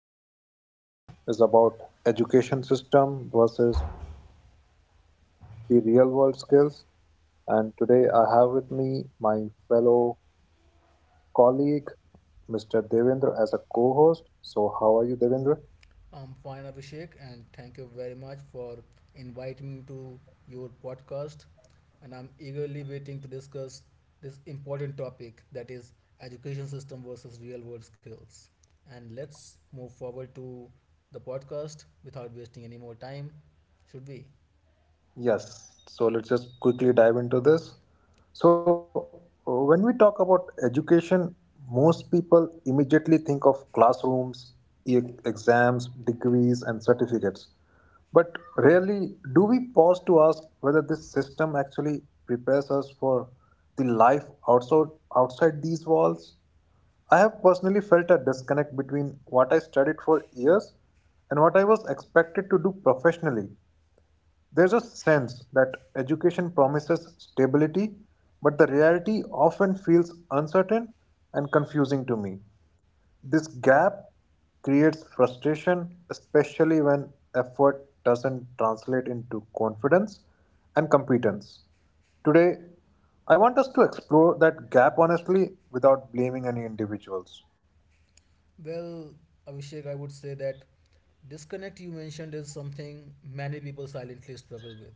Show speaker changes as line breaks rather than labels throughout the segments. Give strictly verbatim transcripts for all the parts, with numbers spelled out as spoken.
everyone. So today's podcast is about education system versus the real world skills. And today I have with me my fellow colleague, Mister Devendra, as a co-host. So how are you, Devendra?
I'm fine, Abhishek, and thank you very much for inviting me to your podcast. And I'm eagerly waiting to discuss this important topic, that is education system versus real world skills. And let's move forward to the podcast without wasting any more time, should we?
Yes, so let's just quickly dive into this. So, uh, when we talk about education, most people immediately think of classrooms, e- exams, degrees, and certificates. But rarely do we pause to ask whether this system actually prepares us for the life outside, outside these walls. I have personally felt a disconnect between what I studied for years and what I was expected to do professionally. There's a sense that education promises stability, but the reality often feels uncertain and confusing to me. This gap creates frustration, especially when effort doesn't translate into confidence and competence. Today, I want us to explore that gap honestly without blaming any individuals.
Well, Abhishek, I would say that disconnect you mentioned is something many people silently struggle with.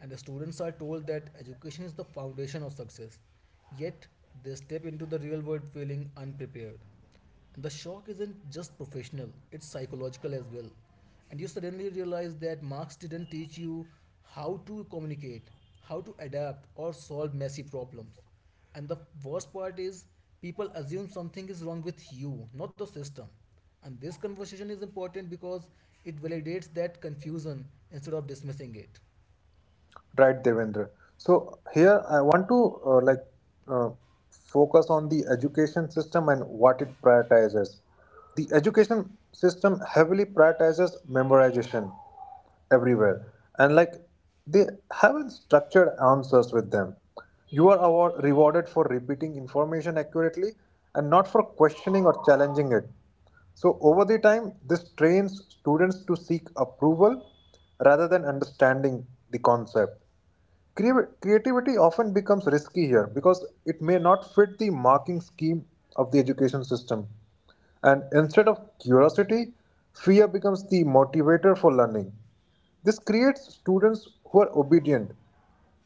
And the students are told that education is the foundation of success. Yet, they step into the real world feeling unprepared. The shock isn't just professional, it's psychological as well. And you suddenly realize that Marx didn't teach you how to communicate, how to adapt, or solve messy problems. And the worst part is, people assume something is wrong with you, not the system. And this conversation is important because it validates that confusion instead of dismissing it.
Right, Devendra. So here I want to uh, like uh, focus on the education system and what it prioritizes. The education system heavily prioritizes memorization everywhere, and like they haven't structured answers with them. You are award- rewarded for repeating information accurately and not for questioning or challenging it. So over the time, this trains students to seek approval rather than understanding the concept. Creativity often becomes risky here because it may not fit the marking scheme of the education system. And instead of curiosity, fear becomes the motivator for learning. This creates students who are obedient,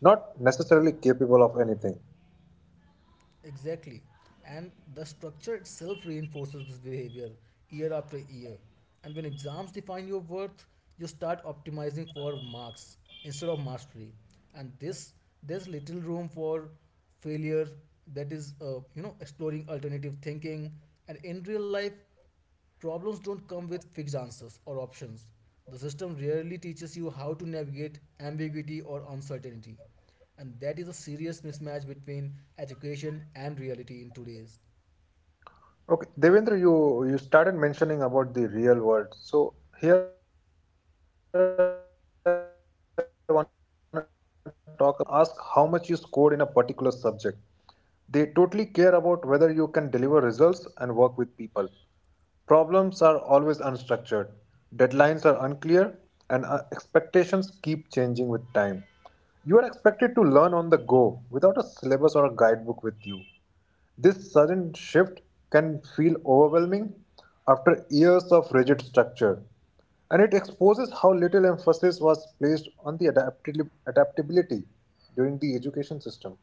not necessarily capable of anything.
Exactly. And the structure itself reinforces this behavior year after year. And when exams define your worth, you start optimizing for marks instead of mastery. And this there's little room for failure, that is uh, you know exploring alternative thinking, and in real life problems don't come with fixed answers or options. The system rarely teaches you how to navigate ambiguity or uncertainty. And that is a serious mismatch between education and reality in today's.
Okay, Devendra, you you started mentioning about the real world. So here I want to talk about how the real world works differently. In the real world, no one asks how much you scored in a particular subject. They totally care about whether you can deliver results and work with people. Problems are always unstructured, deadlines are unclear, and uh, expectations keep changing with time. You are expected to learn on the go without a syllabus or a guidebook with you. This sudden shift can feel overwhelming after years of rigid structure, and it exposes how little emphasis was placed on the adaptili- adaptability during the education system.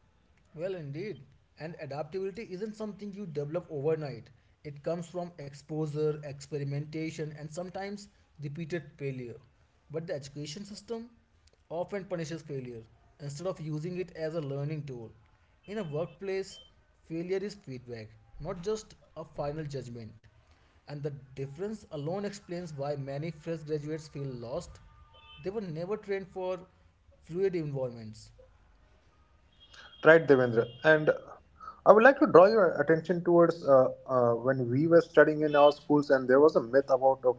Well, indeed. And adaptability isn't something you develop overnight. It comes from exposure, experimentation, and sometimes repeated failure. But the education system often punishes failure instead of using it as a learning tool. In a workplace, failure is feedback, not just a final judgment. And the difference alone explains why many fresh graduates feel lost. They were never trained for fluid environments.
Right, Devendra. And I would like to draw your attention towards uh, uh, when we were studying in our schools, and there was a myth about of,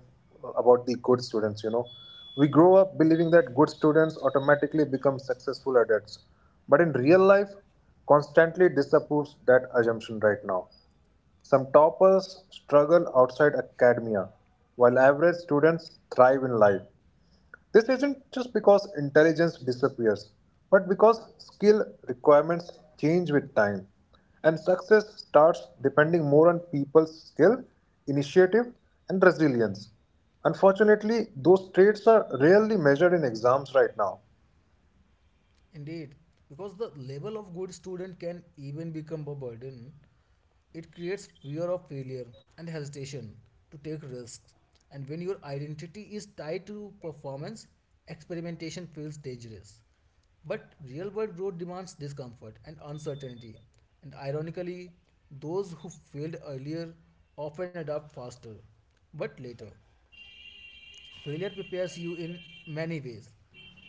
about the good students. You know, we grow up believing that good students automatically become successful adults, but in real life, constantly disapproves that assumption right now. Some toppers struggle outside academia, while average students thrive in life. This isn't just because intelligence disappears, but because skill requirements change with time, and success starts depending more on people's skill, initiative, and resilience. Unfortunately, those traits are rarely measured in exams right now.
Indeed, because the level of good student can even become a burden, it creates fear of failure and hesitation to take risks. And when your identity is tied to performance, experimentation feels dangerous. But real world growth demands discomfort and uncertainty. And ironically, those who failed earlier often adapt faster, but later. Failure prepares you in many ways,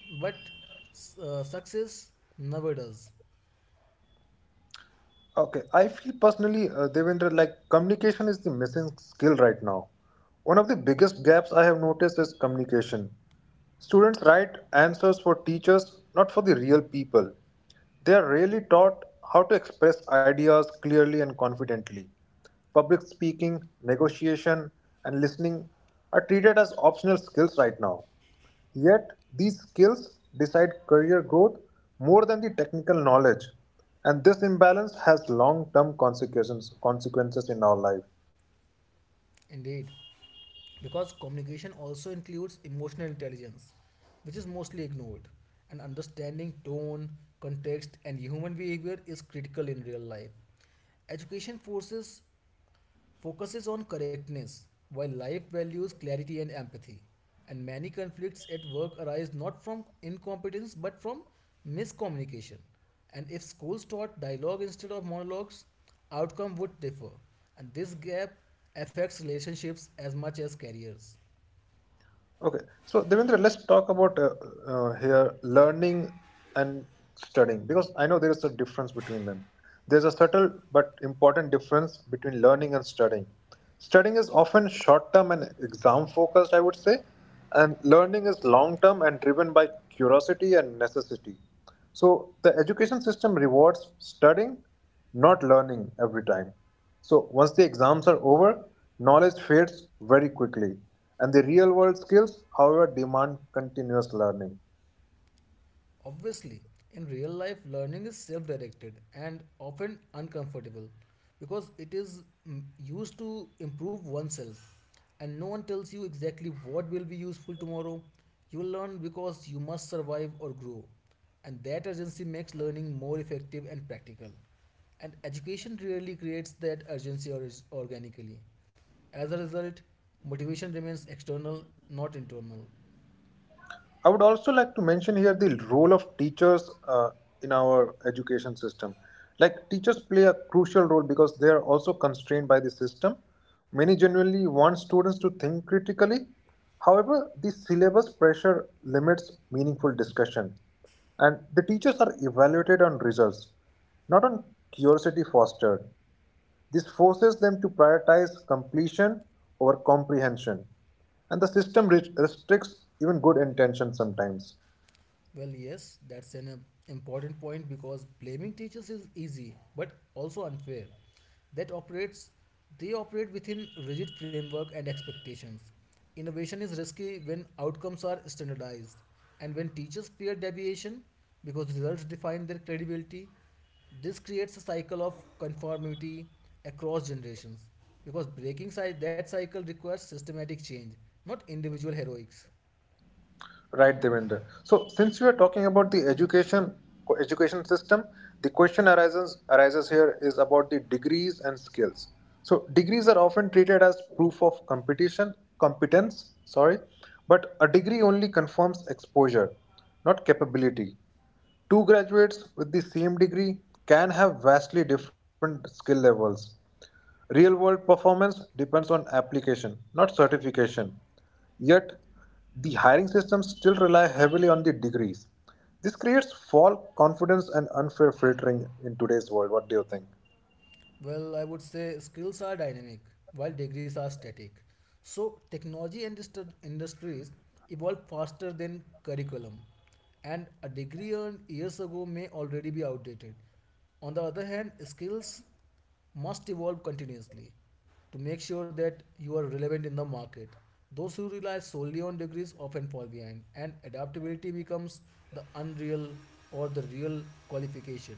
but uh, success never does.
Okay, I feel personally, uh, Devendra, like communication is the missing skill right now. One of the biggest gaps I have noticed is communication. Students write answers for teachers, not for the real people. They are rarely taught how to express ideas clearly and confidently. Public speaking, negotiation, and listening are treated as optional skills right now. Yet, these skills decide career growth more than the technical knowledge, and this imbalance has long term consequences consequences in our life.
Indeed, because communication also includes emotional intelligence, which is mostly ignored. And understanding tone, context, and human behavior is critical in real life. Education forces focuses on correctness, while life values clarity and empathy. And many conflicts at work arise not from incompetence but from miscommunication. And if schools taught dialogue instead of monologues, outcome would differ. And this gap affects relationships as much as careers.
Okay, so Devendra, let's talk about uh, uh, here learning and studying because I know there is a difference between them. There's a subtle but important difference between learning and studying. Studying is often short term and exam focused, I would say, and learning is long term and driven by curiosity and necessity. So the education system rewards studying not learning every time. So, once the exams are over, knowledge fades very quickly, and the real world skills, however, demand continuous learning.
Obviously, in real life, learning is self directed and often uncomfortable because it is mm, used to improve oneself. And no one tells you exactly what will be useful tomorrow. You learn because you must survive or grow. And that urgency makes learning more effective and practical. And education really creates that urgency or- organically. As a result, motivation remains external, not internal.
I would also like to mention here the role of teachers uh, in our education system. Like teachers play a crucial role because they are also constrained by the system. Many generally want students to think critically. However, the syllabus pressure limits meaningful discussion. And the teachers are evaluated on results, not on curiosity fostered. This forces them to prioritize completion over comprehension, and the system restricts even good intention sometimes.
Well, yes, that's an uh, important point because blaming teachers is easy but also unfair. That operates They operate within rigid framework and expectations. Innovation is risky when outcomes are standardized and when teachers fear deviation because results define their credibility. This creates a cycle of conformity across generations because breaking cy- that cycle requires systematic change, not individual heroics.
Right, Devendra. So, since we are talking about the education education system, the question arises arises here is about the degrees and skills. So, degrees are often treated as proof of competition competence. Sorry, but a degree only confirms exposure, not capability. Two graduates with the same degree can have vastly different skill levels. Real world performance depends on application, not certification. Yet, the hiring systems still rely heavily on the degrees. This creates false confidence and unfair filtering in today's world. What do you think?
Well, I would say skills are dynamic while degrees are static. So, technology and industri- industries evolve faster than curriculum, and a degree earned years ago may already be outdated. On the other hand, skills must evolve continuously to make sure that you are relevant in the market. Those who rely solely on degrees often fall behind, and adaptability becomes the unreal or the real qualification.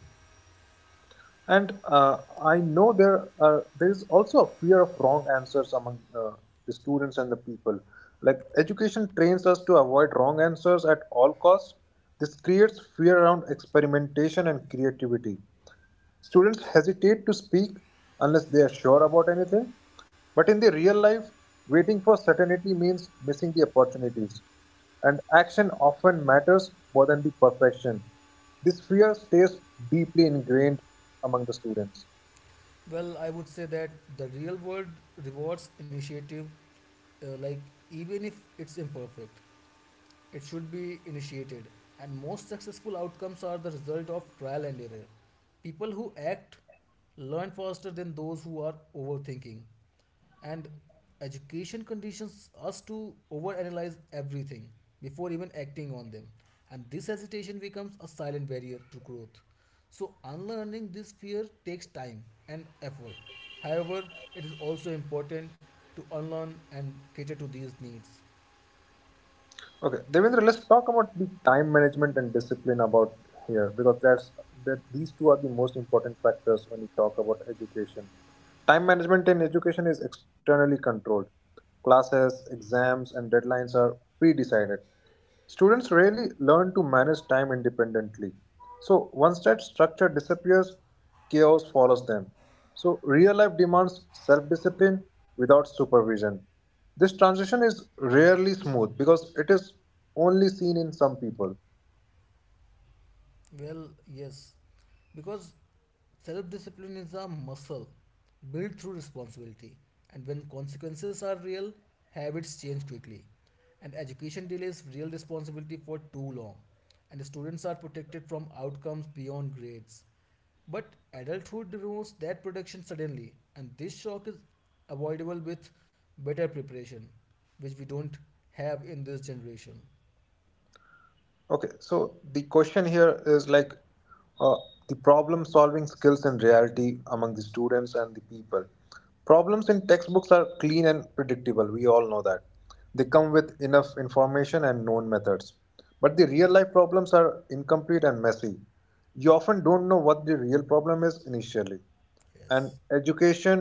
And uh, I know there are there is also a fear of wrong answers among uh, the students and the people. Like education trains us to avoid wrong answers at all costs. This creates fear around experimentation and creativity. Students hesitate to speak unless they are sure about anything, but in the real life, waiting for certainty means missing the opportunities, and action often matters more than the perfection. This fear stays deeply ingrained among the students.
Well, I would say that the real world rewards initiative, uh, like even if it's imperfect. It should be initiated, and most successful outcomes are the result of trial and error. People who act learn faster than those who are overthinking, and education conditions us to overanalyze everything before even acting on them, and this hesitation becomes a silent barrier to growth. So, unlearning this fear takes time and effort. However, it is also important to unlearn and cater to these needs.
Okay, Devendra, let's talk about the time management and discipline about here because that's that these two are the most important factors when you talk about education. Time management in education is externally controlled. Classes, exams, and deadlines are pre-decided. Students rarely learn to manage time independently. So, once that structure disappears, chaos follows them. So, real life demands self discipline without supervision. This transition is rarely smooth because it is only seen in some people.
Well, yes, because self discipline is a muscle built through responsibility, and when consequences are real, habits change quickly. And education delays real responsibility for too long, and students are protected from outcomes beyond grades. But adulthood removes that protection suddenly, and this shock is avoidable with better preparation, which we don't have in this generation.
Okay, so the question here is like uh, the problem solving skills in reality among the students and the people. Problems in textbooks are clean and predictable, we all know that. They come with enough information and known methods. But the real life problems are incomplete and messy. You often don't know what the real problem is initially. And
Yes.
education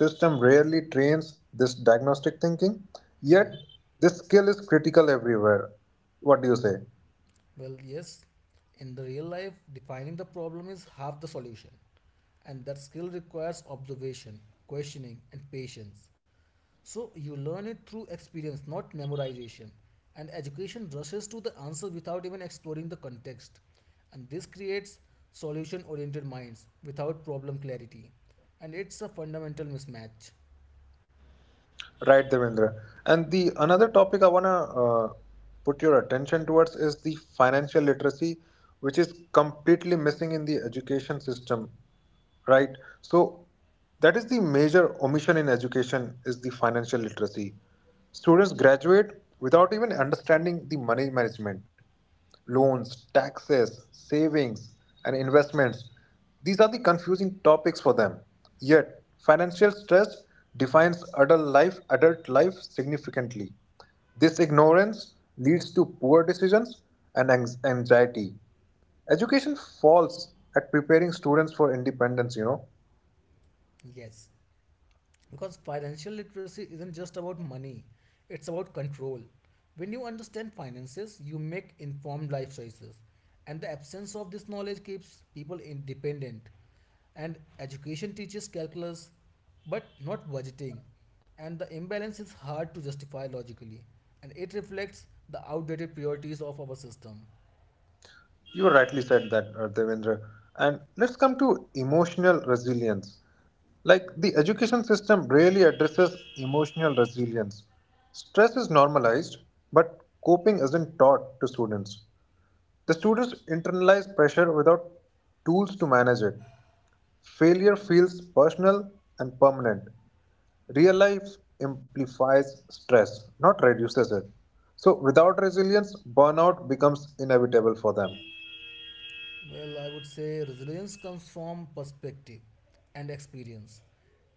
system rarely trains this diagnostic thinking, yet
Mhm.
this skill is critical everywhere. What do you say?
Well, yes, in the real life, defining the problem is half the solution, and that skill requires observation, questioning, and patience. So, you learn it through experience, not memorization. And education rushes to the answer without even exploring the context. And this creates solution oriented minds without problem clarity. And it's a fundamental mismatch.
Right, Devendra. And the another topic I wanna uh, put your attention towards is the financial literacy, which is completely missing in the education system, right? So that is the major omission in education is the financial literacy. Students graduate without even understanding the money management, loans, taxes, savings, and investments. These are the confusing topics for them, yet financial stress defines adult life adult life significantly. This ignorance leads to poor decisions and anx- anxiety. Education falls at preparing students for independence, you know.
Yes, because financial literacy isn't just about money, it's about control. When you understand finances, you make informed life choices, and the absence of this knowledge keeps people independent. And education teaches calculus but not budgeting, and the imbalance is hard to justify logically, and it reflects the outdated priorities of our system.
You rightly said that, uh, Devendra. And let's come to emotional resilience. Like the education system rarely addresses emotional resilience. Stress is normalized, but coping isn't taught to students. The students internalize pressure without tools to manage it. Failure feels personal and permanent. Real life amplifies stress, not reduces it. So, without resilience, burnout becomes inevitable for them.
Well, I would say resilience comes from perspective and experience.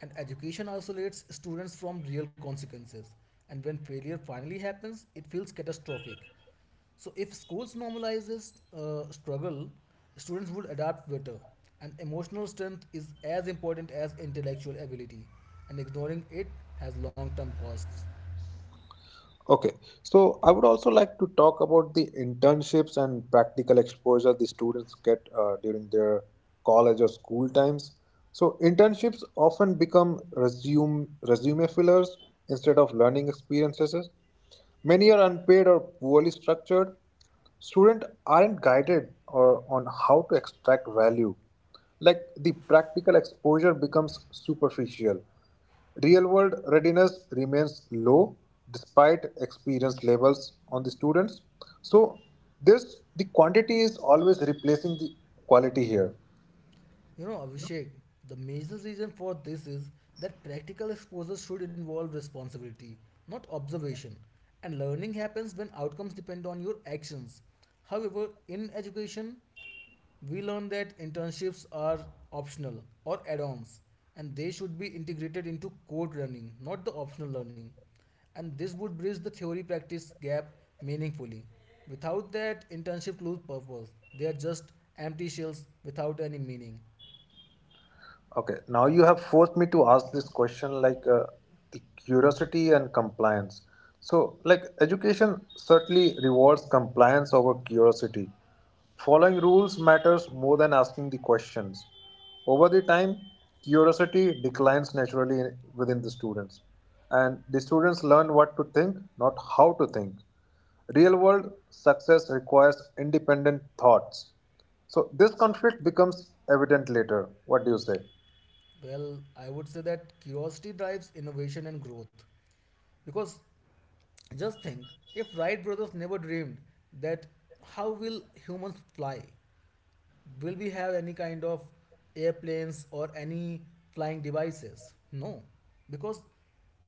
And education isolates students from real consequences. And when failure finally happens, it feels catastrophic. So if schools normalizes uh, struggle, students would adapt better. And emotional strength is as important as intellectual ability. And ignoring it has long-term costs.
Okay, so I would also like to talk about the internships and practical exposure the students get uh, during their college or school times. So internships often become resume resume fillers instead of learning experiences. Many are unpaid or poorly structured. Students aren't guided or on how to extract value. Like the practical exposure becomes superficial. Real world readiness remains low despite experience levels on the students. So this the quantity is always replacing the quality here.
You know, Abhishek, the major reason for this is that practical exposure should involve responsibility, not observation. And learning happens when outcomes depend on your actions. However, in education, we learn that internships are optional or add ons, and they should be integrated into core learning, not the optional learning. And this would bridge the theory practice gap meaningfully. Without that, internship lose purpose. They are just empty shells without any meaning.
Okay, now you have forced me to ask this question like uh, the curiosity and compliance. So like education certainly rewards compliance over curiosity. Following rules matters more than asking the questions. Over the time, curiosity declines naturally within the students, and the students learn what to think, not how to think. Real world success requires independent thoughts. So, this conflict becomes evident later. What do you say?
Well, I would say that curiosity drives innovation and growth. Because just think, if Wright brothers never dreamed that how will humans fly? Will we have any kind of airplanes or any flying devices? No, because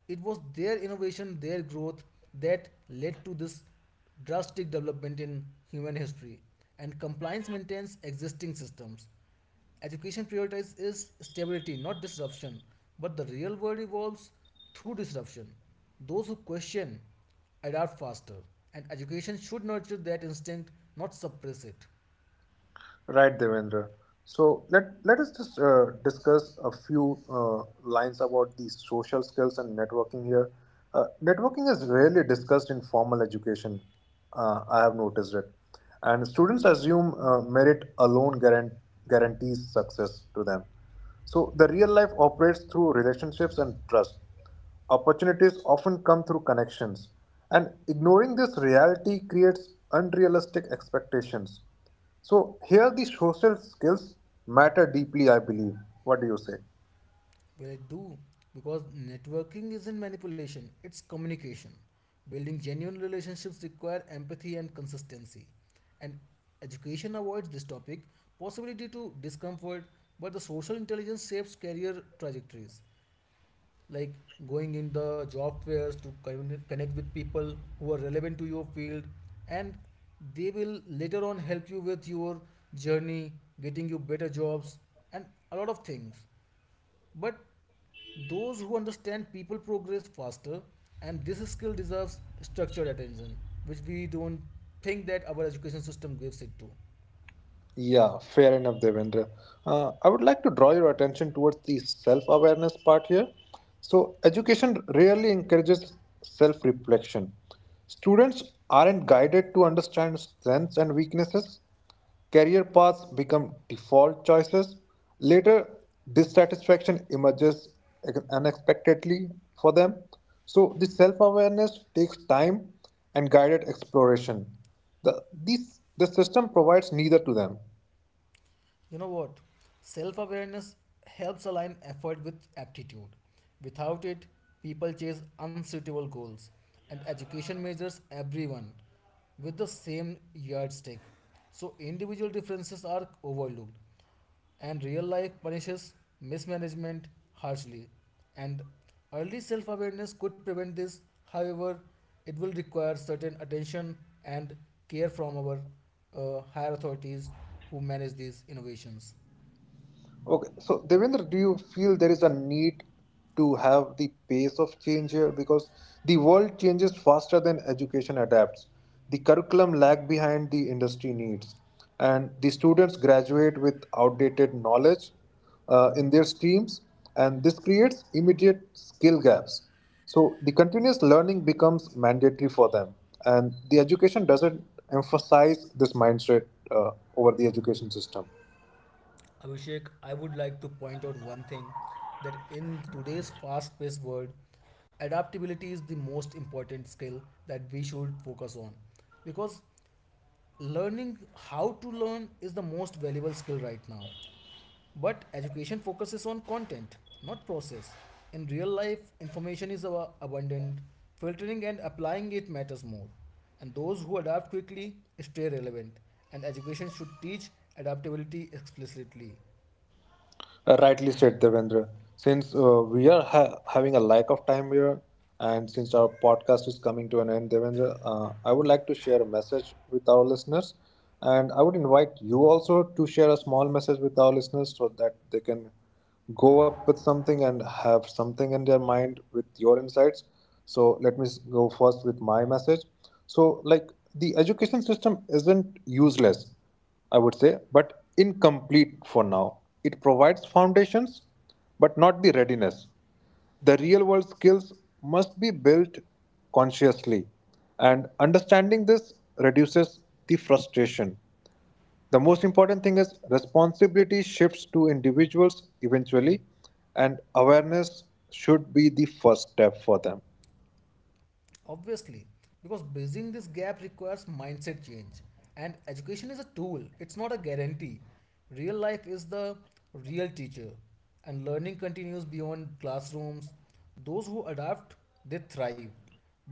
it was their innovation, their growth that led to this drastic development in human history. And compliance maintains existing systems. Education prioritizes is stability, not disruption, but the real world evolves through disruption. Those who question adapt faster, and education should nurture that instinct, not suppress it.
Right, Devendra. So let let us just uh, discuss a few uh, lines about the social skills and networking here. Uh, networking is rarely discussed in formal education. Uh, I have noticed it, and students assume uh, merit alone guaran- guarantees success to them. So the real life operates through relationships and trust. Opportunities often come through connections, and ignoring this reality creates unrealistic expectations. So, here the social skills matter deeply, I believe. What do you say?
Well, I do, because networking isn't manipulation, it's communication. Building genuine relationships require empathy and consistency. And education avoids this topic, possibility to discomfort, but the social intelligence shapes career trajectories. Like going in the job fairs to con- connect with people who are relevant to your field, and they will later on help you with your journey, getting you better jobs, and a lot of things. But those who understand people progress faster, and this skill deserves structured attention, which we don't think that our education system gives it to.
Yeah, fair enough, Devendra. Uh, I would like to draw your attention towards the self awareness part here. So, education rarely encourages self reflection. Students aren't guided to understand strengths and weaknesses. Career paths become default choices. Later, dissatisfaction emerges unexpectedly for them. So, the self awareness takes time and guided exploration. The, these, the system provides neither to them.
You know what? Self awareness helps align effort with aptitude. Without it, people chase unsuitable goals, and education measures everyone with the same yardstick. So individual differences are overlooked, and real life punishes mismanagement harshly. And early self awareness could prevent this, however, it will require certain attention and care from our uh, higher authorities who manage these innovations.
Okay, so Devendra, do you feel there is a need to have the pace of change here? Because the world changes faster than education adapts. The curriculum lag behind the industry needs, and the students graduate with outdated knowledge uh, in their streams, and this creates immediate skill gaps. So the continuous learning becomes mandatory for them, and the education doesn't emphasize this mindset uh, over the education system.
Abhishek, I would like to point out one thing, that in today's fast paced world, adaptability is the most important skill that we should focus on because learning how to learn is the most valuable skill right now. But education focuses on content, not process. In real life, information is ab- abundant, filtering and applying it matters more. And those who adapt quickly stay relevant. And education should teach adaptability explicitly.
Uh, rightly said, Devendra. Since uh, we are ha- having a lack of time here, and since our podcast is coming to an end, Devendra, uh, I would like to share a message with our listeners. And I would invite you also to share a small message with our listeners so that they can go up with something and have something in their mind with your insights. So let me s- go first with my message. So like the education system isn't useless, I would say, but incomplete for now. It provides foundations, but not the readiness. The real world skills must be built consciously, and understanding this reduces the frustration. The most important thing is responsibility shifts to individuals eventually, and awareness should be the first step for them.
Obviously, because bridging this gap requires mindset change, and education is a tool, it's not a guarantee. Real life is the real teacher, and learning continues beyond classrooms. Those who adapt, they thrive,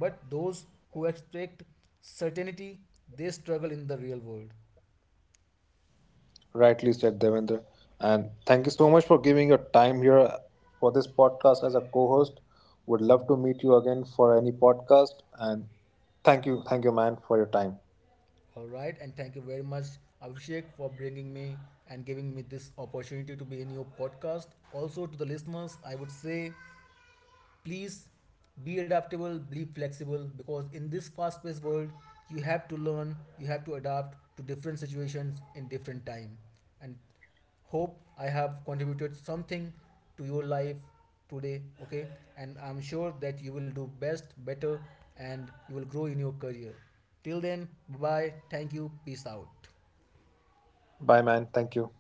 but those who expect certainty, they struggle in the real world.
Rightly said, Devendra. And thank you so much for giving your time here for this podcast as a co host. Would love to meet you again for any podcast. And thank you, thank you, man, for your time.
All right, and thank you very much, Abhishek, for bringing me and giving me this opportunity to be in your podcast. Also, to the listeners, I would say please be adaptable, be flexible, because in this fast paced world you have to learn, you have to adapt to different situations in different time. And hope I have contributed something to your life today. Okay, and I'm sure that you will do best, better, and you will grow in your career. Till then, bye bye. Thank you, peace out.
Bye, man. Thank you.